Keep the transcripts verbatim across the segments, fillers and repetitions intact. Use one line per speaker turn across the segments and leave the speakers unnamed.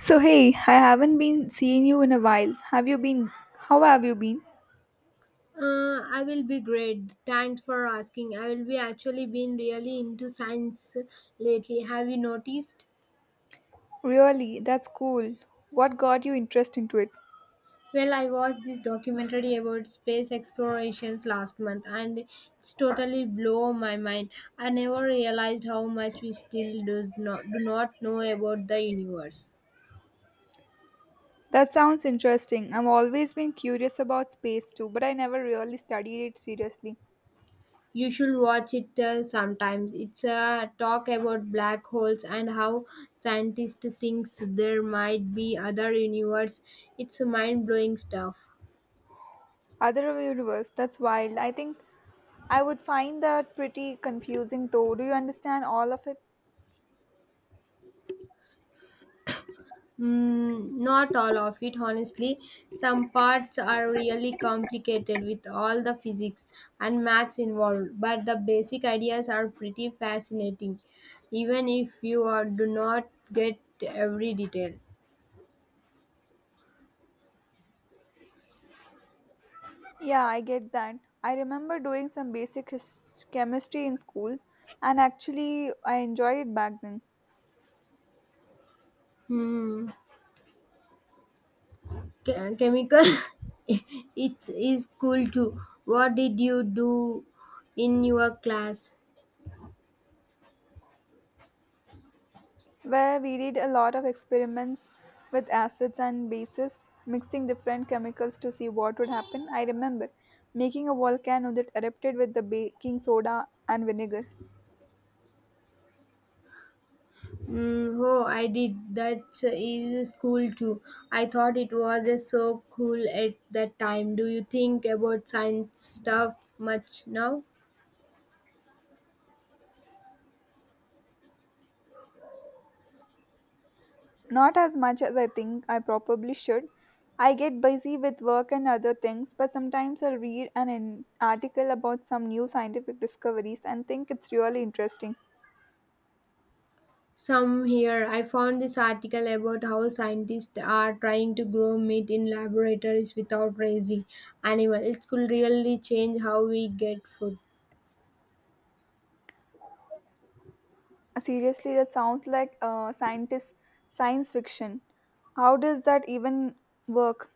So, hey, I haven't been seeing you in a while. Have you been? How have you been?
Uh, I will be great. Thanks for asking. I will be actually been really into science lately. Have you noticed?
Really, that's cool. What got you interest into it?
Well, I watched this documentary about space explorations last month and it's totally blow my mind. I never realized how much we still does not do not know about the universe.
That sounds interesting. I've always been curious about space too, but I never really studied it seriously.
You should watch it uh, sometimes. It's a talk about black holes and how scientists thinks there might be other universe. It's mind-blowing stuff.
Other universe, that's wild. I think I would find that pretty confusing though. Do you understand all of it?
Mm, not all of it, honestly. Some parts are really complicated with all the physics and maths involved, but the basic ideas are pretty fascinating, even if you are, do not get every detail.
Yeah, I get that. I remember doing some basic his- chemistry in school, and actually, I enjoyed it back then.
Hmm. Ch- chemical it is cool too. What did you do in your class?
Where we did a lot of experiments with acids and bases, mixing different chemicals to see what would happen. I remember making a volcano that erupted with the baking soda and vinegar.
Mm, oh, I did that is cool too. I thought it was so cool at that time. Do you think about science stuff much now?
Not as much as I think I probably should. I get busy with work and other things, but sometimes I'll read an, an article about some new scientific discoveries and think it's really interesting.
Some here I found this article about how scientists are trying to grow meat in laboratories without raising animals. It could really change how we get food.
Seriously, that sounds like uh, scientist science fiction. How does that even work?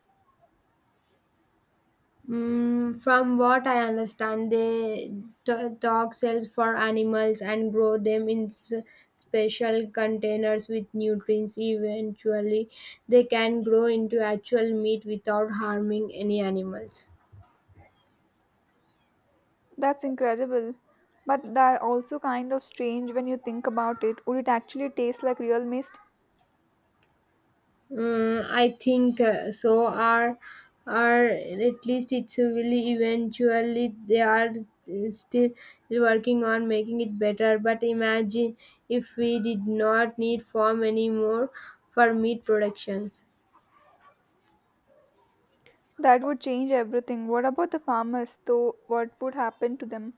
Mm, from what I understand, they t- dog cells for animals and grow them in s- special containers with nutrients. Eventually, they can grow into actual meat without harming any animals.
That's incredible. But that also kind of strange when you think about it. Would it actually taste like real mist?
Mm, I think uh, so. Are are at least it's really eventually they are uh, still working on making it better. But imagine if we did not need farm anymore for meat productions.
That would change everything. What about the farmers, though? What would happen to them?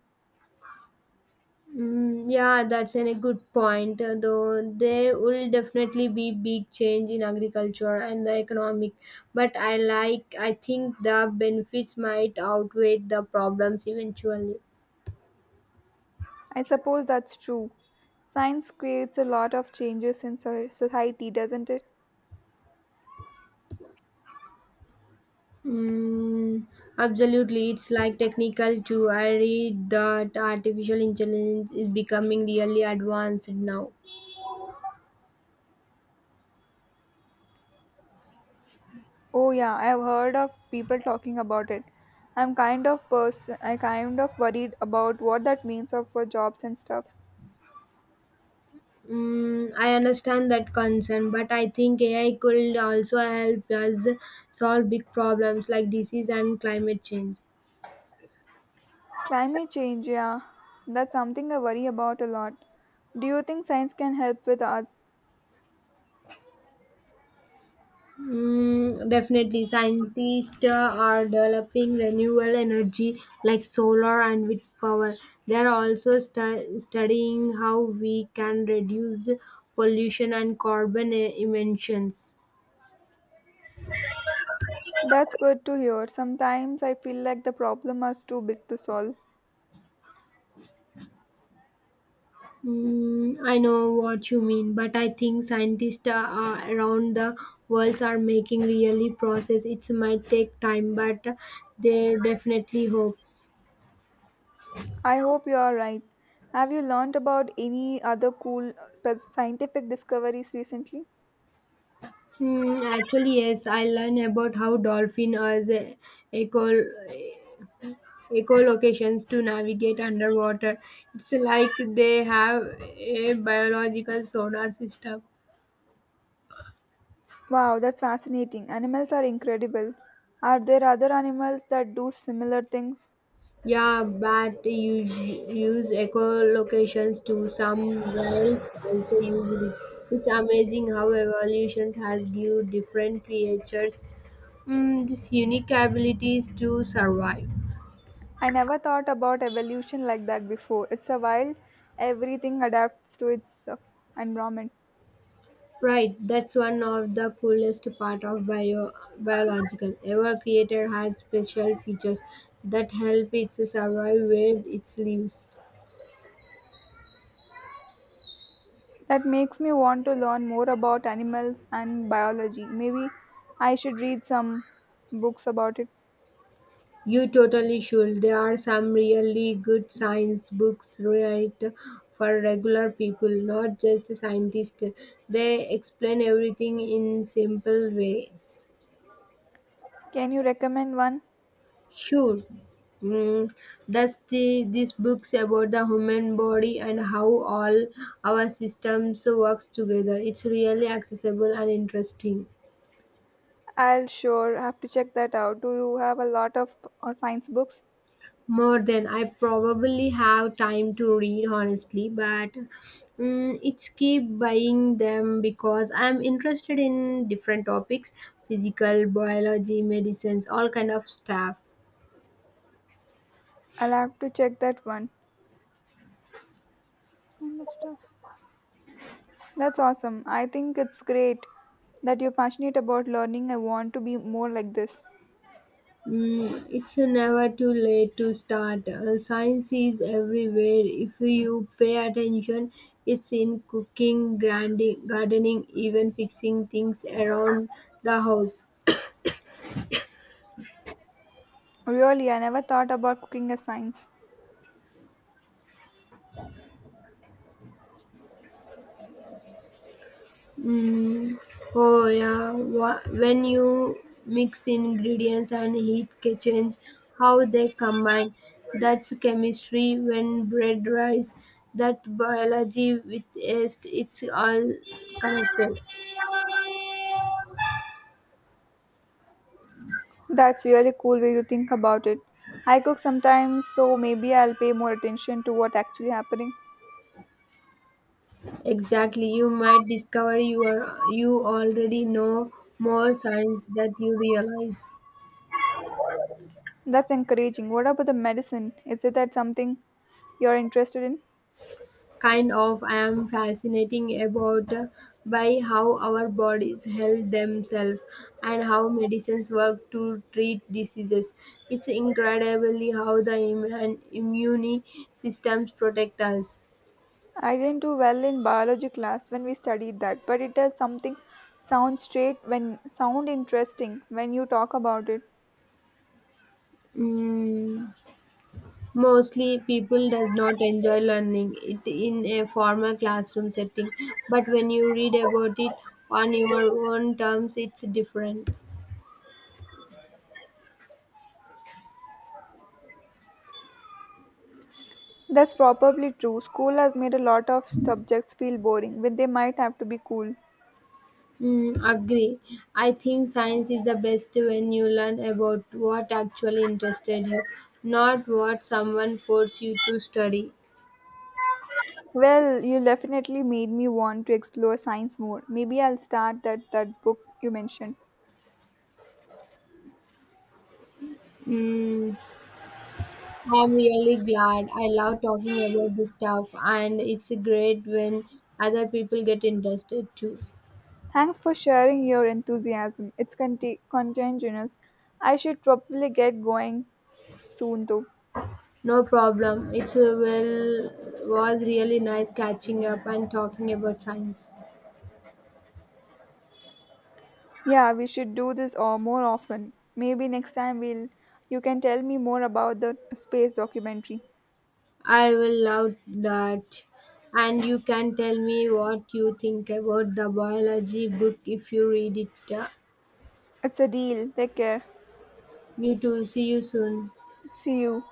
Mm, yeah, that's an- a good point. uh, Though there will definitely be big change in agriculture and the economic, but I like I think the benefits might outweigh the problems eventually.
I suppose that's true. Science creates a lot of changes in so- society, doesn't it?
Mm, absolutely, it's like technical too. I read that artificial intelligence is becoming really advanced now.
Oh yeah, I have heard of people talking about it. I'm kind of person I kind of worried about what that means of for jobs and stuffs.
Mm, I understand that concern, but I think A I could also help us solve big problems like disease and climate change.
Climate change, yeah, that's something I worry about a lot. Do you think science can help with that?
Mm, definitely, scientists uh, are developing renewable energy like solar and wind power. They are also stu- studying how we can reduce pollution and carbon e- emissions.
That's good to hear. Sometimes I feel like the problem is too big to solve.
Mm, I know what you mean, but I think scientists uh, are around the world are making really process. It might take time, but they definitely hope.
I hope you are right. Have you learned about any other cool uh, spe- scientific discoveries recently?
Hmm, actually, yes, I learned about how dolphins use echo echolocations to navigate underwater. It's like they have a biological sonar system.
Wow, that's fascinating. Animals are incredible. Are there other animals that do similar things?
Yeah, but you use echolocations to some whales also use it. It's amazing how evolution has given different creatures mm, these unique abilities to survive.
I never thought about evolution like that before. It's a wild, everything adapts to its uh, environment.
Right, that's one of the coolest part of bio biological ever created had special features that help it survive where it lives.
That makes me want to learn more about animals and biology. Maybe I should read some books about it.
You totally should. There are some really good science books right for regular people, not just scientists. They explain everything in simple ways.
Can you recommend one?
Sure. Mm, thus, the, these books about the human body and how all our systems work together. It's really accessible and interesting.
I'll sure have to check that out. Do you have a lot of uh, science books?
More than I probably have time to read, honestly, but mm, it's keep buying them because I'm interested in different topics, physical, biology, medicines, all kind of stuff.
I'll have to check that one. Kind of stuff. That's awesome. I think it's great that you're passionate about learning. I want to be more like this.
Mm, it's never too late to start. Uh, science is everywhere. If you pay attention, it's in cooking, grandi- gardening, even fixing things around the house.
Really, I never thought about cooking as science.
Oh, yeah. Wha- When you mix ingredients and heat kitchens, how they combine. That's chemistry when bread rise. That biology with yeast, it's all connected.
That's really cool way to think about it. I cook sometimes, so maybe I'll pay more attention to what actually happening.
Exactly, you might discover you are you already know more science that you realize.
That's encouraging. What about the medicine? Is it that something you're interested in?
Kind of, I am fascinating about uh, by how our bodies help themselves and how medicines work to treat diseases. It's incredibly how the Im- and immune systems protect us.
I didn't do well in biology class when we studied that, but it does something sound straight when sound interesting when you talk about it.
Mm. Mostly people does not enjoy learning it in a formal classroom setting, but when you read about it on your own terms, it's different.
That's probably true. School has made a lot of subjects feel boring, when they might have to be cool.
Mm, agree. I think science is the best when you learn about what actually interested you, not what someone forced you to study.
Well, you definitely made me want to explore science more. Maybe I'll start that that book you mentioned.
Mm, I'm really glad. I love talking about this stuff, and it's great when other people get interested too.
Thanks for sharing your enthusiasm. It's conti- contagious. I should probably get going soon though.
No problem. It uh, will was really nice catching up and talking about science.
Yeah, we should do this or more often. Maybe next time we'll you can tell me more about the space documentary.
I will love that. And you can tell me what you think about the biology book if you read it. Uh,
It's a deal. Take care.
You too. See you soon.
See you.